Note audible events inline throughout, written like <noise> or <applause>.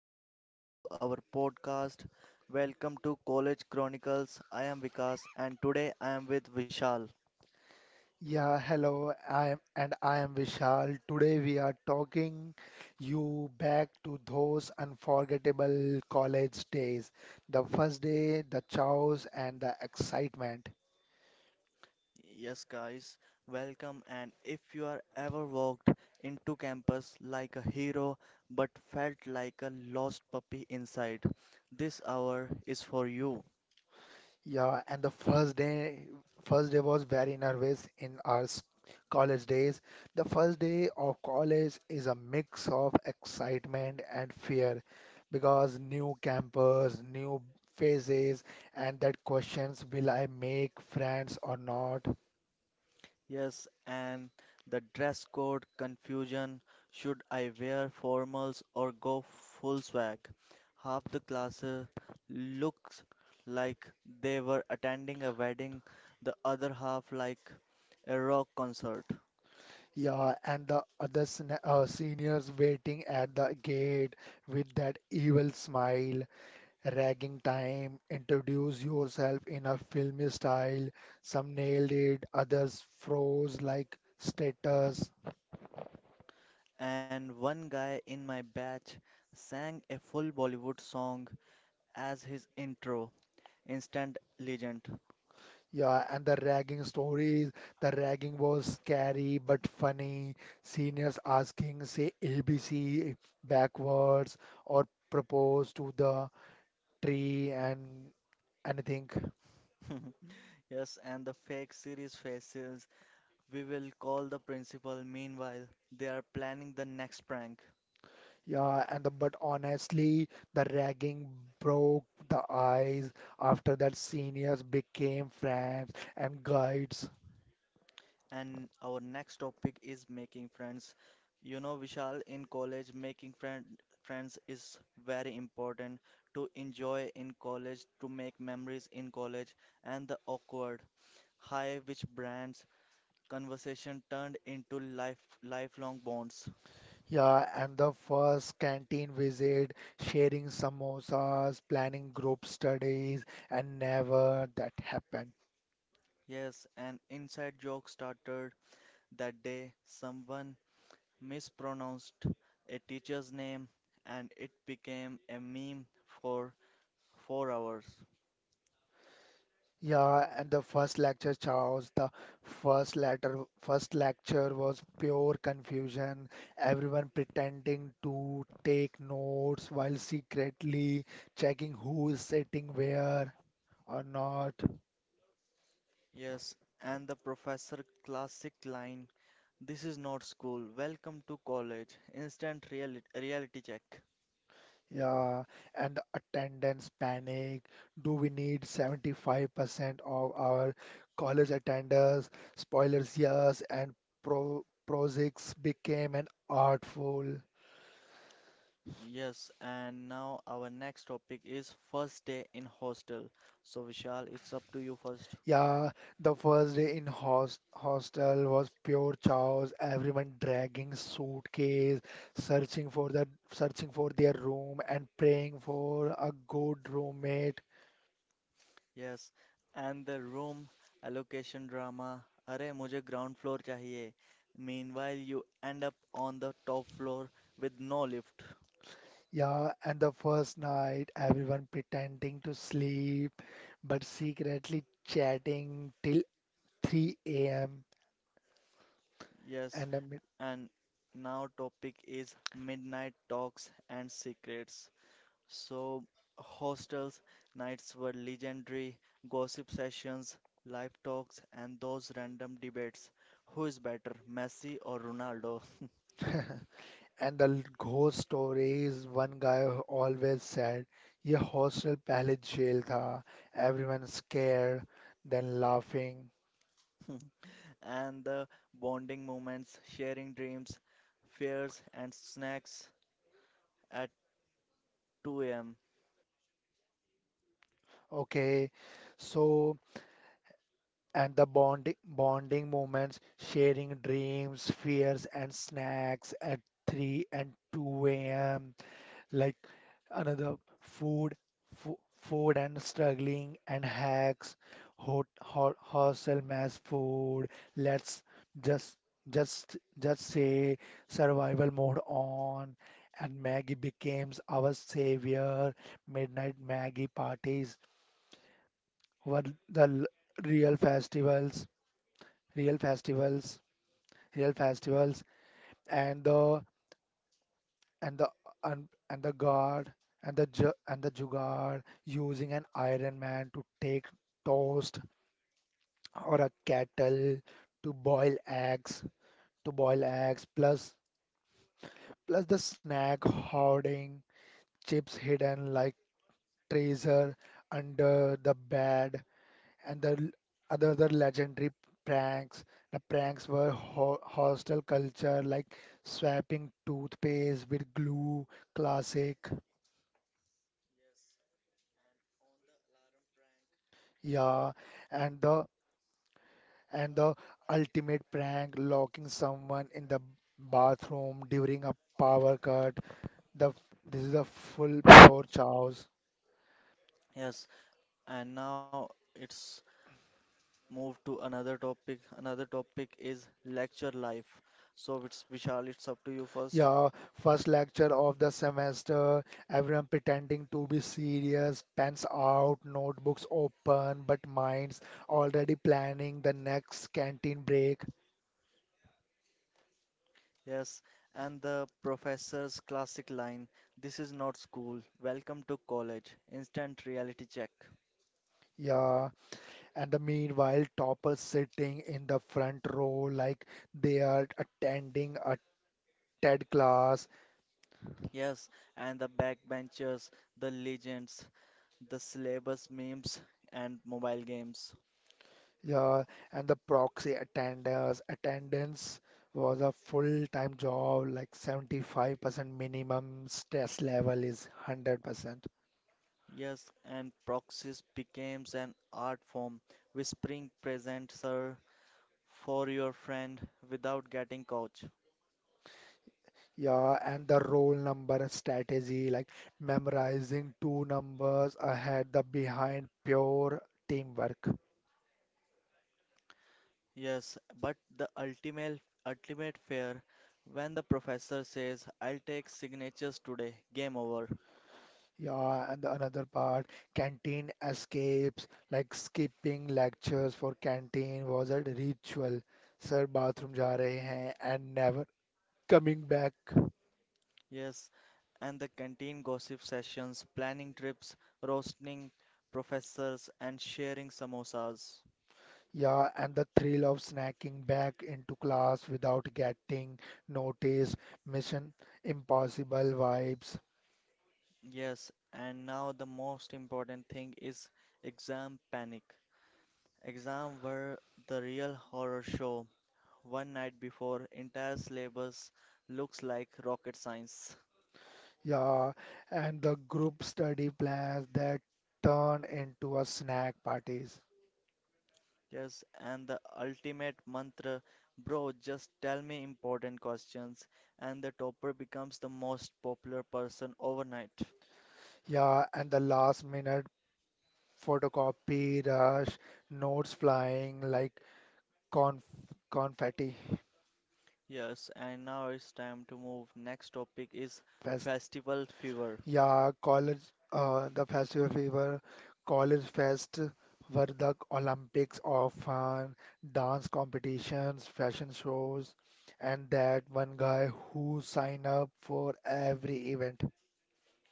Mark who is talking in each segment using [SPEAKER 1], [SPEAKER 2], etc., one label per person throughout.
[SPEAKER 1] Guys. Welcome to our podcast. Welcome to College Chronicles. I am Vikas and today I am with Vishal.
[SPEAKER 2] Yeah, hello. I am Vishal. Today we are talking you back to those unforgettable college days. The first day, the chows and the excitement.
[SPEAKER 1] Yes, guys, welcome. And if you are ever walked into campus like a hero but felt like a lost puppy inside, this hour is for you.
[SPEAKER 2] Yeah, and the first day was very nervous in our college days. The first day of college is a mix of excitement and fear because new campus, new faces, and that questions, will I make friends or not?
[SPEAKER 1] Yes, and the dress code confusion. Should I wear formals or go full swag? Half the class looks like they were attending a wedding, the other half like a rock concert.
[SPEAKER 2] Yeah, and the other seniors waiting at the gate with that evil smile. Ragging time, introduce yourself in a filmy style. Some nailed it, others froze like status.
[SPEAKER 1] And one guy in my batch sang a full Bollywood song as his intro. Instant legend.
[SPEAKER 2] Yeah, and the ragging stories. The ragging was scary but funny. Seniors asking, say, ABC backwards or propose to the tree and anything.
[SPEAKER 1] <laughs> Yes, and the fake series faces. We will call the principal. Meanwhile, they are planning the next prank.
[SPEAKER 2] Yeah, but honestly, the ragging broke the ice. After that, seniors became friends and guides.
[SPEAKER 1] And our next topic is making friends. You know, Vishal, in college, friends is very important to enjoy in college, to make memories in college, and the awkward, high brands conversation turned into lifelong bonds.
[SPEAKER 2] Yeah, and the first canteen visit, sharing samosas, planning group studies, and never that happened.
[SPEAKER 1] Yes, an inside joke started that day, someone mispronounced a teacher's name, and it became a meme for four hours.
[SPEAKER 2] Yeah, and the first lecture, Charles, the first letter, first lecture was pure confusion. Everyone pretending to take notes while secretly checking who is sitting where or not.
[SPEAKER 1] Yes, and the professor classic line, this is not school, welcome to college, instant reality check.
[SPEAKER 2] Yeah, and the attendance panic. Do we need 75% of our college attenders? Spoilers, yes, and projects became an artful.
[SPEAKER 1] Yes, and now our next topic is first day in hostel. So Vishal, it's up to you first.
[SPEAKER 2] Yeah, the first day in hostel was pure chaos. Everyone dragging suitcase, searching for their room and praying for a good roommate.
[SPEAKER 1] Yes, and the room allocation drama. अरे मुझे ground floor चाहिए. Meanwhile, you end up on the top floor with no lift.
[SPEAKER 2] Yeah, and the first night, everyone pretending to sleep but secretly chatting till 3 a.m.
[SPEAKER 1] Yes,
[SPEAKER 2] And I mean,
[SPEAKER 1] and now topic is midnight talks and secrets. So hostels nights were legendary, gossip sessions, live talks and those random debates. Who is better, Messi or Ronaldo?
[SPEAKER 2] and the ghost stories, one guy always said, ये hostel पहले jail था, everyone scared, then laughing.
[SPEAKER 1] <laughs> And the bond.
[SPEAKER 2] Okay, so and the bonding moments, sharing dreams, fears, and snacks at 3 and 2 a.m. like another food food and struggling and hacks hot hostel mass food let's just just say survival mode on and maggie becomes our savior midnight maggie parties were the real festivals real festivals real festivals and the and the and the guard and the jugaad using an iron man to take toast or a kettle to boil eggs to boil eggs plus the snack hoarding chips hidden like treasure under the bed and the l- other the legendary pranks the pranks were hostel culture like swapping toothpaste with glue classic yeah and the and the ultimate prank, locking someone in the bathroom during a power cut. The this is a full pure chaos.
[SPEAKER 1] Yes, and now it's moved to another topic. Another topic is lecture life. So it's Vishal, it's up to you first.
[SPEAKER 2] Yeah, first lecture of the semester, everyone pretending to be serious, pens out, notebooks open, but minds already planning the next canteen break.
[SPEAKER 1] Yes, and the professor's classic line, this is not school, welcome to college, instant reality check.
[SPEAKER 2] Yeah, and the meanwhile, toppers sitting in the front row like they are attending a TED class.
[SPEAKER 1] Yes, and the backbenchers, the legends, the syllabus memes, and mobile games.
[SPEAKER 2] Yeah, and the proxy attenders attendance was a full-time job, like 75% minimum stress level is 100%.
[SPEAKER 1] Yes, and proxies becomes an art form, whispering present sir for your friend without getting coach.
[SPEAKER 2] Yeah, and the roll number strategy, like memorizing two numbers ahead the behind pure teamwork.
[SPEAKER 1] Yes, but the ultimate fear when the professor says I'll take signatures today, game over.
[SPEAKER 2] Yeah, and the another part, canteen escapes, like skipping lectures for canteen was a ritual. Sir, bathroom ja rahe hain and never coming back.
[SPEAKER 1] Yes, and the canteen gossip sessions, planning trips, roasting professors and sharing samosas.
[SPEAKER 2] Yeah, and the thrill of snacking back into class without getting noticed, Mission Impossible vibes.
[SPEAKER 1] Yes, and now the most important thing is exam panic. Exam were the real horror show, one night before entire syllabus looks like rocket science.
[SPEAKER 2] Yeah, and the group study plans that turn into a snack parties.
[SPEAKER 1] Yes, and the ultimate mantra, bro, just tell me important questions, and the topper becomes the most popular person overnight.
[SPEAKER 2] Yeah, and the last minute photocopy rush, notes flying like conf confetti.
[SPEAKER 1] Yes, and now it's time to move. Next topic is festival fever.
[SPEAKER 2] Yeah, college, the festival fever, college fest were the Olympics of fun, dance competitions, fashion shows, and that one guy who signed up for every event.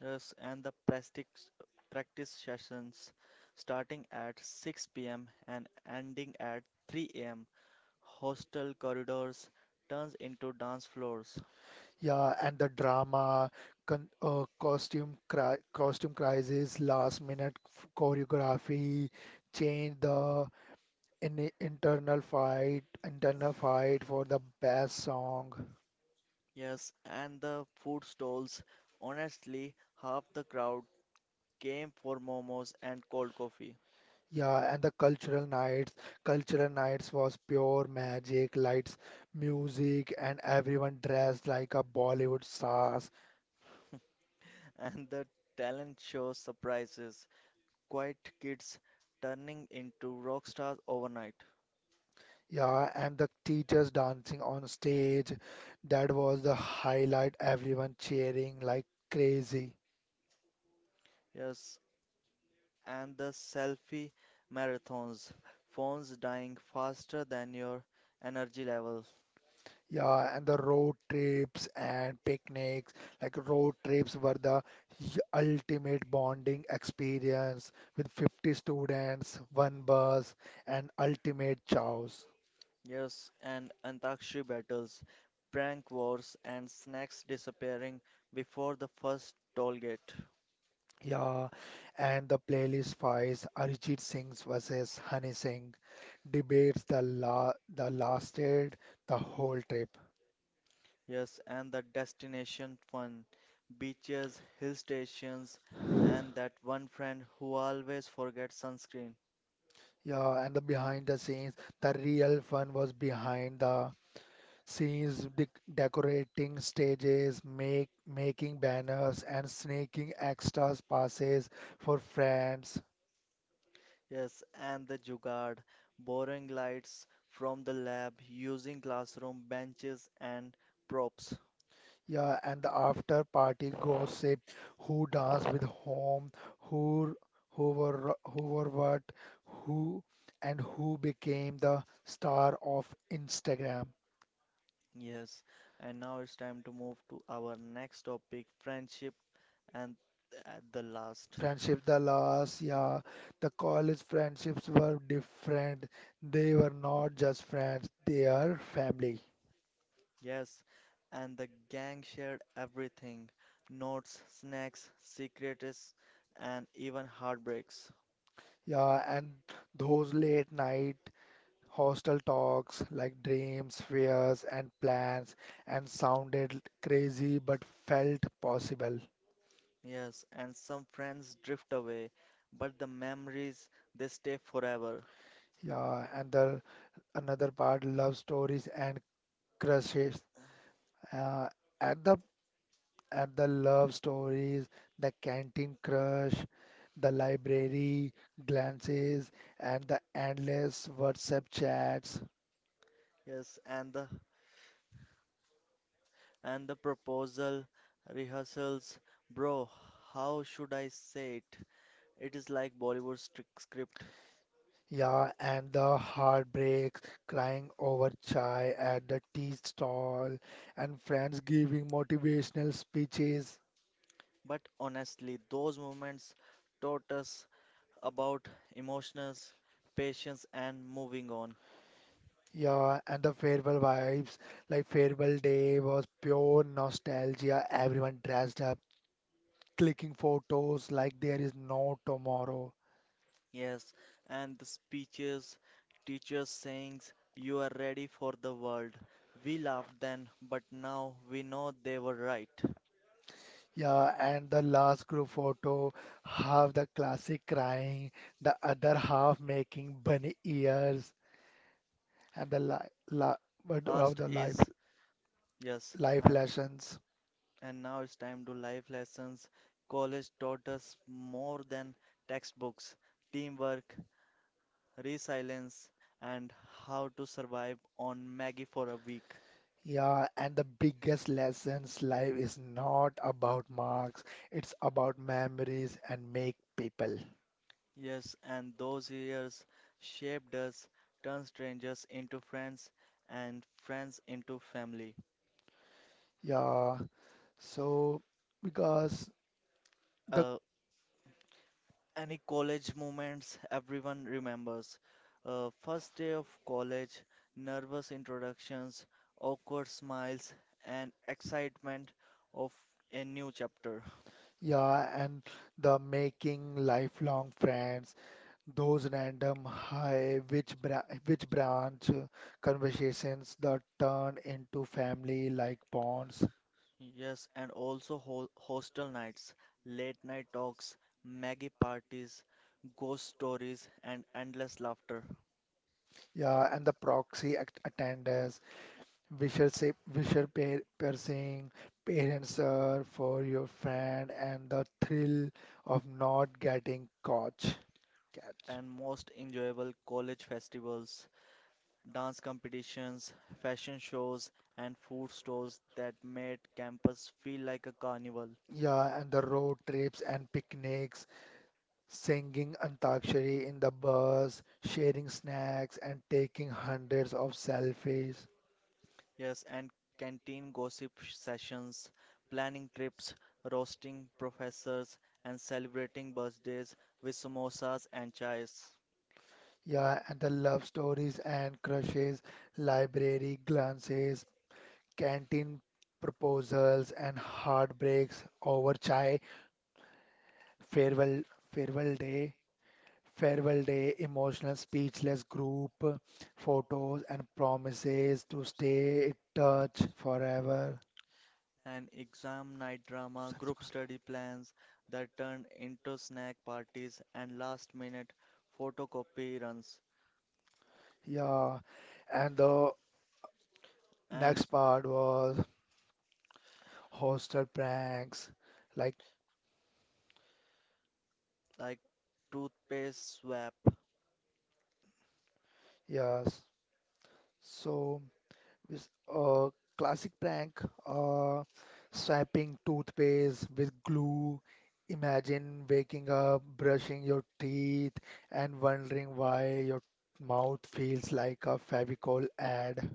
[SPEAKER 1] Yes, and the practice sessions starting at 6 p.m. and ending at 3 a.m. Hostel corridors turns into dance floors.
[SPEAKER 2] Yeah, and the drama, con costume cri costume crisis, last minute choreography, change the internal fight for the best song.
[SPEAKER 1] Yes, and the food stalls. Honestly, half the crowd came for momos and cold coffee.
[SPEAKER 2] Yeah, and the cultural nights was pure magic, lights, music, and everyone dressed like a Bollywood stars.
[SPEAKER 1] <laughs> And the talent show surprises. Quiet kids turning into rock stars overnight.
[SPEAKER 2] Yeah, and the teachers dancing on stage. That was the highlight, everyone cheering like crazy.
[SPEAKER 1] Yes, and the selfie marathons. Phones dying faster than your energy level.
[SPEAKER 2] Yeah, and road trips and picnics. Like road trips were the ultimate bonding experience with 50 students, one bus, and ultimate chows.
[SPEAKER 1] Yes, and Antakshi battles, prank wars, and snacks disappearing before the first toll gate.
[SPEAKER 2] Yeah, and the playlist fights Arijit Singh's versus Honey Singh debates the la the lasted the whole trip.
[SPEAKER 1] Yes, and the destination fun, beaches, hill stations, and that one friend who always forgets sunscreen.
[SPEAKER 2] Yeah, and the behind the scenes, the real fun was behind the She is de- decorating stages, make making banners, and sneaking extras passes for friends.
[SPEAKER 1] Yes, and the jugaad, boring lights from the lab using classroom benches and props.
[SPEAKER 2] Yeah, and the after party gossip, who danced with whom, who who were what, who and who became the star of Instagram.
[SPEAKER 1] Yes, and now it's time to move to our next topic, friendship, and at the last.
[SPEAKER 2] Friendship the last, yeah. The college friendships were different. They were not just friends, they are family.
[SPEAKER 1] Yes, and the gang shared everything, notes, snacks, secrets, and even heartbreaks.
[SPEAKER 2] Yeah, and those late night hostel talks like dreams, fears, and plans, and sounded crazy but felt possible.
[SPEAKER 1] Yes, and some friends drift away, but the memories, they stay forever.
[SPEAKER 2] Yeah, and the another part love stories and crushes. Uh, at the at the love stories, the canteen crush, the library glances, and the endless WhatsApp chats.
[SPEAKER 1] Yes, and the proposal rehearsals, bro, how should I say it? It is like Bollywood strict script.
[SPEAKER 2] Yeah, and the heartbreaks, crying over chai at the tea stall, and friends giving motivational speeches.
[SPEAKER 1] But honestly, those moments taught us about emotions, patience, and moving on.
[SPEAKER 2] Yeah, and the farewell vibes, like farewell day was pure nostalgia. Everyone dressed up, clicking photos like there is no tomorrow.
[SPEAKER 1] Yes, and the speeches, teachers sayings, you are ready for the world. We laughed then, but now we know they were right.
[SPEAKER 2] Yeah, and the last group photo, half the classic crying, the other half making bunny ears, and the li la but of
[SPEAKER 1] Past
[SPEAKER 2] the life.
[SPEAKER 1] is, yes,
[SPEAKER 2] Life lessons.
[SPEAKER 1] and now it's time to life lessons. College taught us more than textbooks, teamwork, resilience, and how to survive on Maggie for a week.
[SPEAKER 2] Yeah, and the biggest lessons life is not about marks, it's about memories and make people.
[SPEAKER 1] Yes, and those years shaped us, turned strangers into friends and friends into family.
[SPEAKER 2] Yeah, so because the
[SPEAKER 1] Uh, any college moments everyone remembers. First day of college, nervous introductions, awkward smiles, and excitement of a new chapter.
[SPEAKER 2] yeah, and the making lifelong friends, those random high which branch conversations that turn into family like bonds.
[SPEAKER 1] Yes, and also ho hostel nights, late night talks, Maggie parties, ghost stories, and endless laughter.
[SPEAKER 2] Yeah, and the proxy at attendance Visual parents are for your friend, and the thrill of not getting caught. Catch.
[SPEAKER 1] And most enjoyable college festivals, dance competitions, fashion shows, and food stalls that made campus feel like a carnival.
[SPEAKER 2] Yeah, and the road trips and picnics, singing Antakshari in the bus, sharing snacks, and taking hundreds of selfies.
[SPEAKER 1] Yes, and canteen sessions, planning trips, roasting professors, and celebrating birthdays with samosas and chais.
[SPEAKER 2] Yeah, and the love stories and crushes, library glances, canteen proposals and heartbreaks over chai, farewell farewell day, farewell day, emotional speechless group photos and promises to stay in touch forever.
[SPEAKER 1] And exam night drama, group study plans that turned into snack parties and last minute photocopy runs.
[SPEAKER 2] Yeah, and the
[SPEAKER 1] And
[SPEAKER 2] next part was hostel pranks. Like,
[SPEAKER 1] like toothpaste swab.
[SPEAKER 2] yes. So, with a classic prank, uh, swiping toothpaste with glue. Imagine waking up, brushing your teeth, and wondering why your mouth feels like a Fevicol ad.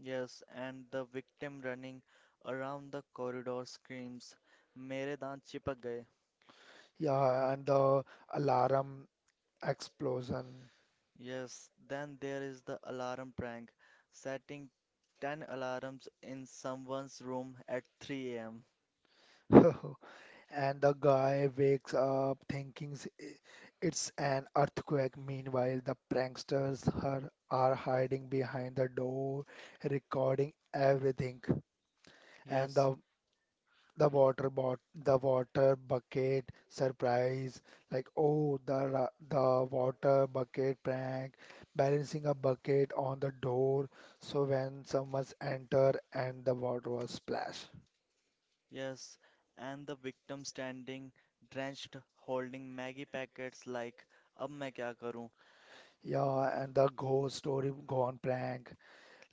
[SPEAKER 1] Yes, and the victim running around the corridor screams, Mere daant chipak gaye.
[SPEAKER 2] Yeah, and the alarm explosion.
[SPEAKER 1] Yes, then there is the alarm prank, setting 10 alarms in someone's room at 3 a.m.
[SPEAKER 2] <laughs> And the guy wakes up thinking it's an earthquake. Meanwhile, the pranksters are hiding behind the door, recording everything. And
[SPEAKER 1] Yes,
[SPEAKER 2] the water bot the water bucket surprise like oh the water bucket prank balancing a bucket on the door so when someone's enter and the water was splash.
[SPEAKER 1] yes, and the victim standing drenched, holding Maggie packets like, Ab main kya karu?
[SPEAKER 2] Yeah, and the ghost story gone prank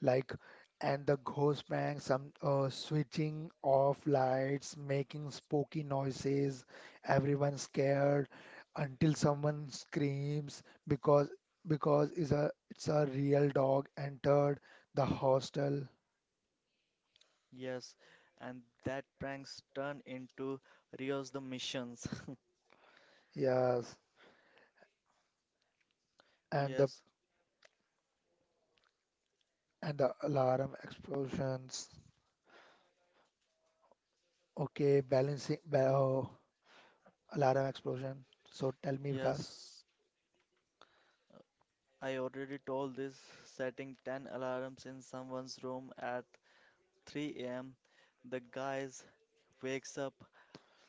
[SPEAKER 2] like and the ghost prank, some switching off lights, making spooky noises, everyone scared until someone screams because because is a it's a real dog entered the hostel.
[SPEAKER 1] Yes, and that pranks turn into Rios the missions. <laughs>
[SPEAKER 2] Yes, and the
[SPEAKER 1] Yes,
[SPEAKER 2] alarm explosions. Okay, balancing alarm explosion. So tell me, Vikas.
[SPEAKER 1] Yes, I already told this. Setting 10 alarms in someone's room at 3 a.m. The guys wakes up.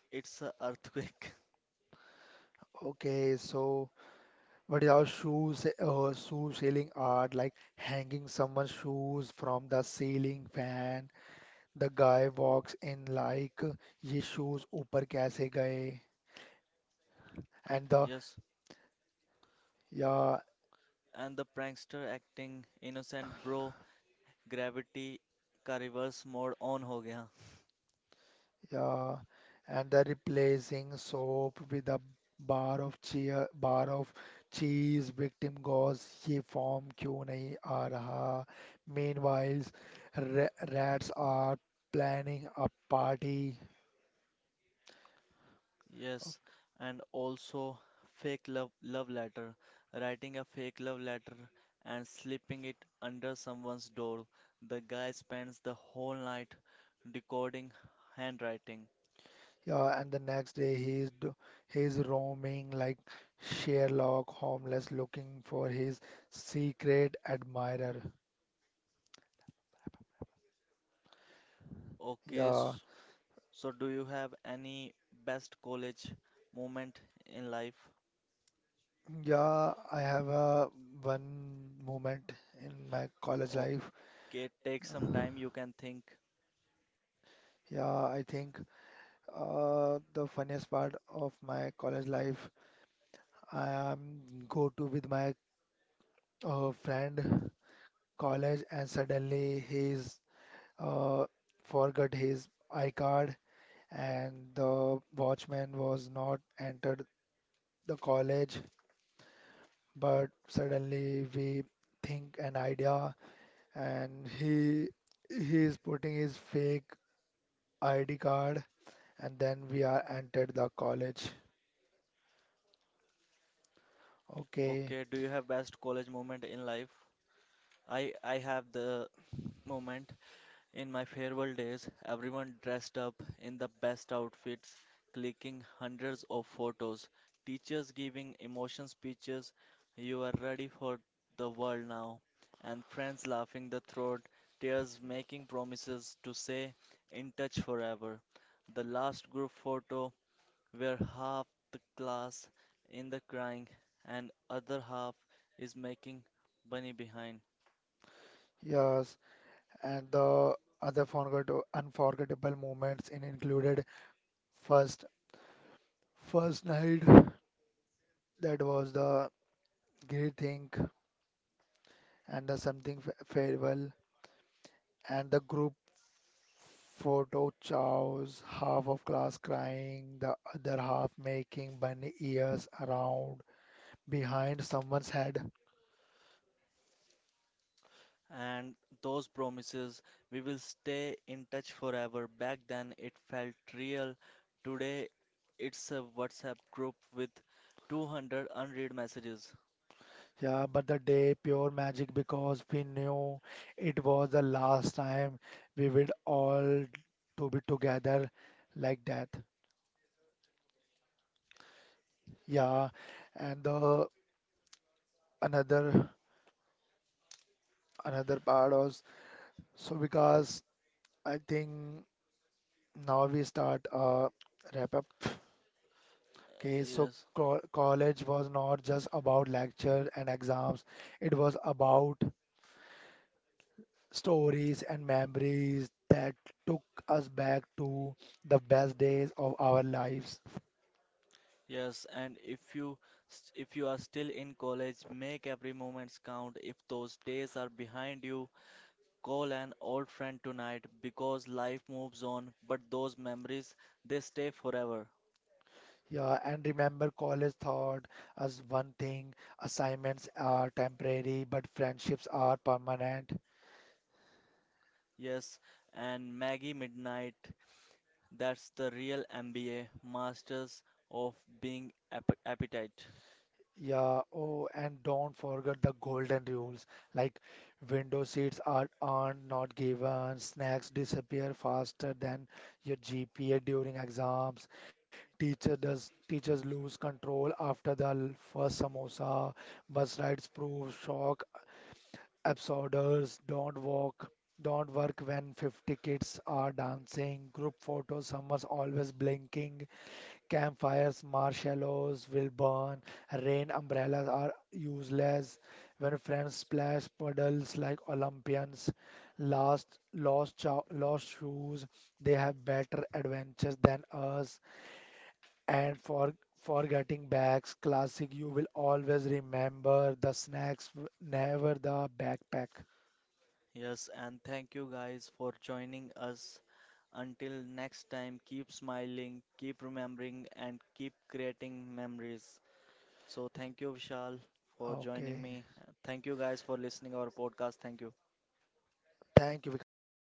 [SPEAKER 1] It's a earthquake. <laughs>
[SPEAKER 2] Okay, so but yeah, shoe selling art, like hanging someone's shoes from the ceiling fan. The guy walks in like, ये shoes ऊपर कैसे गए? And the
[SPEAKER 1] Yes.
[SPEAKER 2] Yeah,
[SPEAKER 1] And the prankster acting innocent bro. Gravity का reverse mode on हो गया.
[SPEAKER 2] yeah, and the replacing soap with a bar of cheese. Victim goes, ये form क्यों नहीं आ रहा? Meanwhile, rats are planning a party.
[SPEAKER 1] Yes, and also fake love letter, writing a fake love letter and slipping it under someone's door. The guy spends the whole night decoding handwriting.
[SPEAKER 2] Yeah, and the next day he's roaming like Sherlock homeless looking for his secret admirer.
[SPEAKER 1] Okay,
[SPEAKER 2] Yeah,
[SPEAKER 1] s- so do you have any best college moment in life?
[SPEAKER 2] yeah, I have a one moment in my college life.
[SPEAKER 1] Okay,
[SPEAKER 2] <sighs>
[SPEAKER 1] take some
[SPEAKER 2] Uh,
[SPEAKER 1] time you can think.
[SPEAKER 2] yeah, I think the funniest part of my college life, I am go to with my friend college and suddenly he's uh, forgot his I card and the watchman was not entered the college, but suddenly we think an idea and he is putting his fake ID card and then we are entered the college.
[SPEAKER 1] Okay,
[SPEAKER 2] Okay,
[SPEAKER 1] do you have best college moment in life? I have the moment. In my farewell days, everyone dressed up in the best outfits, clicking hundreds of photos, teachers giving emotion speeches, you are ready for the world now, and friends laughing the throat, tears making promises to say in touch forever. The last group photo where half the class in the crying and other half is making bunny behind.
[SPEAKER 2] yes, and the other unforgettable moments in included first first night that was the great thing and the something farewell and the group photo shows half of class crying, the other half making bunny ears around behind someone's head.
[SPEAKER 1] And those promises we will stay in touch forever, back then it felt real. Today it's a WhatsApp group with 200 unread messages.
[SPEAKER 2] Yeah, but the day pure magic because we knew it was the last time we would all to be together like that. Yeah, and the another another part was so because I think now we start wrap up. Okay, so
[SPEAKER 1] Yes,
[SPEAKER 2] co college was not just about lecture and exams, it was about stories and memories that took us back to the best days of our lives.
[SPEAKER 1] yes, and if you if you are still in college, make every moment count. If those days are behind you, call an old friend tonight, because life moves on but those memories, they stay forever.
[SPEAKER 2] Yeah, and remember, college taught us one thing, assignments are temporary, but friendships are permanent.
[SPEAKER 1] Yes, and Maggie midnight. That's the real MBA, Masters of Appetite.
[SPEAKER 2] Yeah, oh, and don't forget the golden rules like window seats are earned, not given, snacks disappear faster than your GPA during exams, teachers lose control after the first samosa, bus rides prove shock absorbers, don't walk. Don't work when 50 kids are dancing, group photos, someone's always blinking, campfires, marshmallows will burn, rain umbrellas are useless. When friends splash puddles like Olympians, lost shoes, they have better adventures than us. And for forgetting bags, classic, you will always remember the snacks, never the backpack.
[SPEAKER 1] Yes, and thank you guys for joining us. Until next time, keep smiling, keep remembering, and keep creating memories. So, thank you, Vishal, for joining
[SPEAKER 2] Okay,
[SPEAKER 1] me. Thank you guys for listening our podcast. Thank you.
[SPEAKER 2] thank you, Vikas.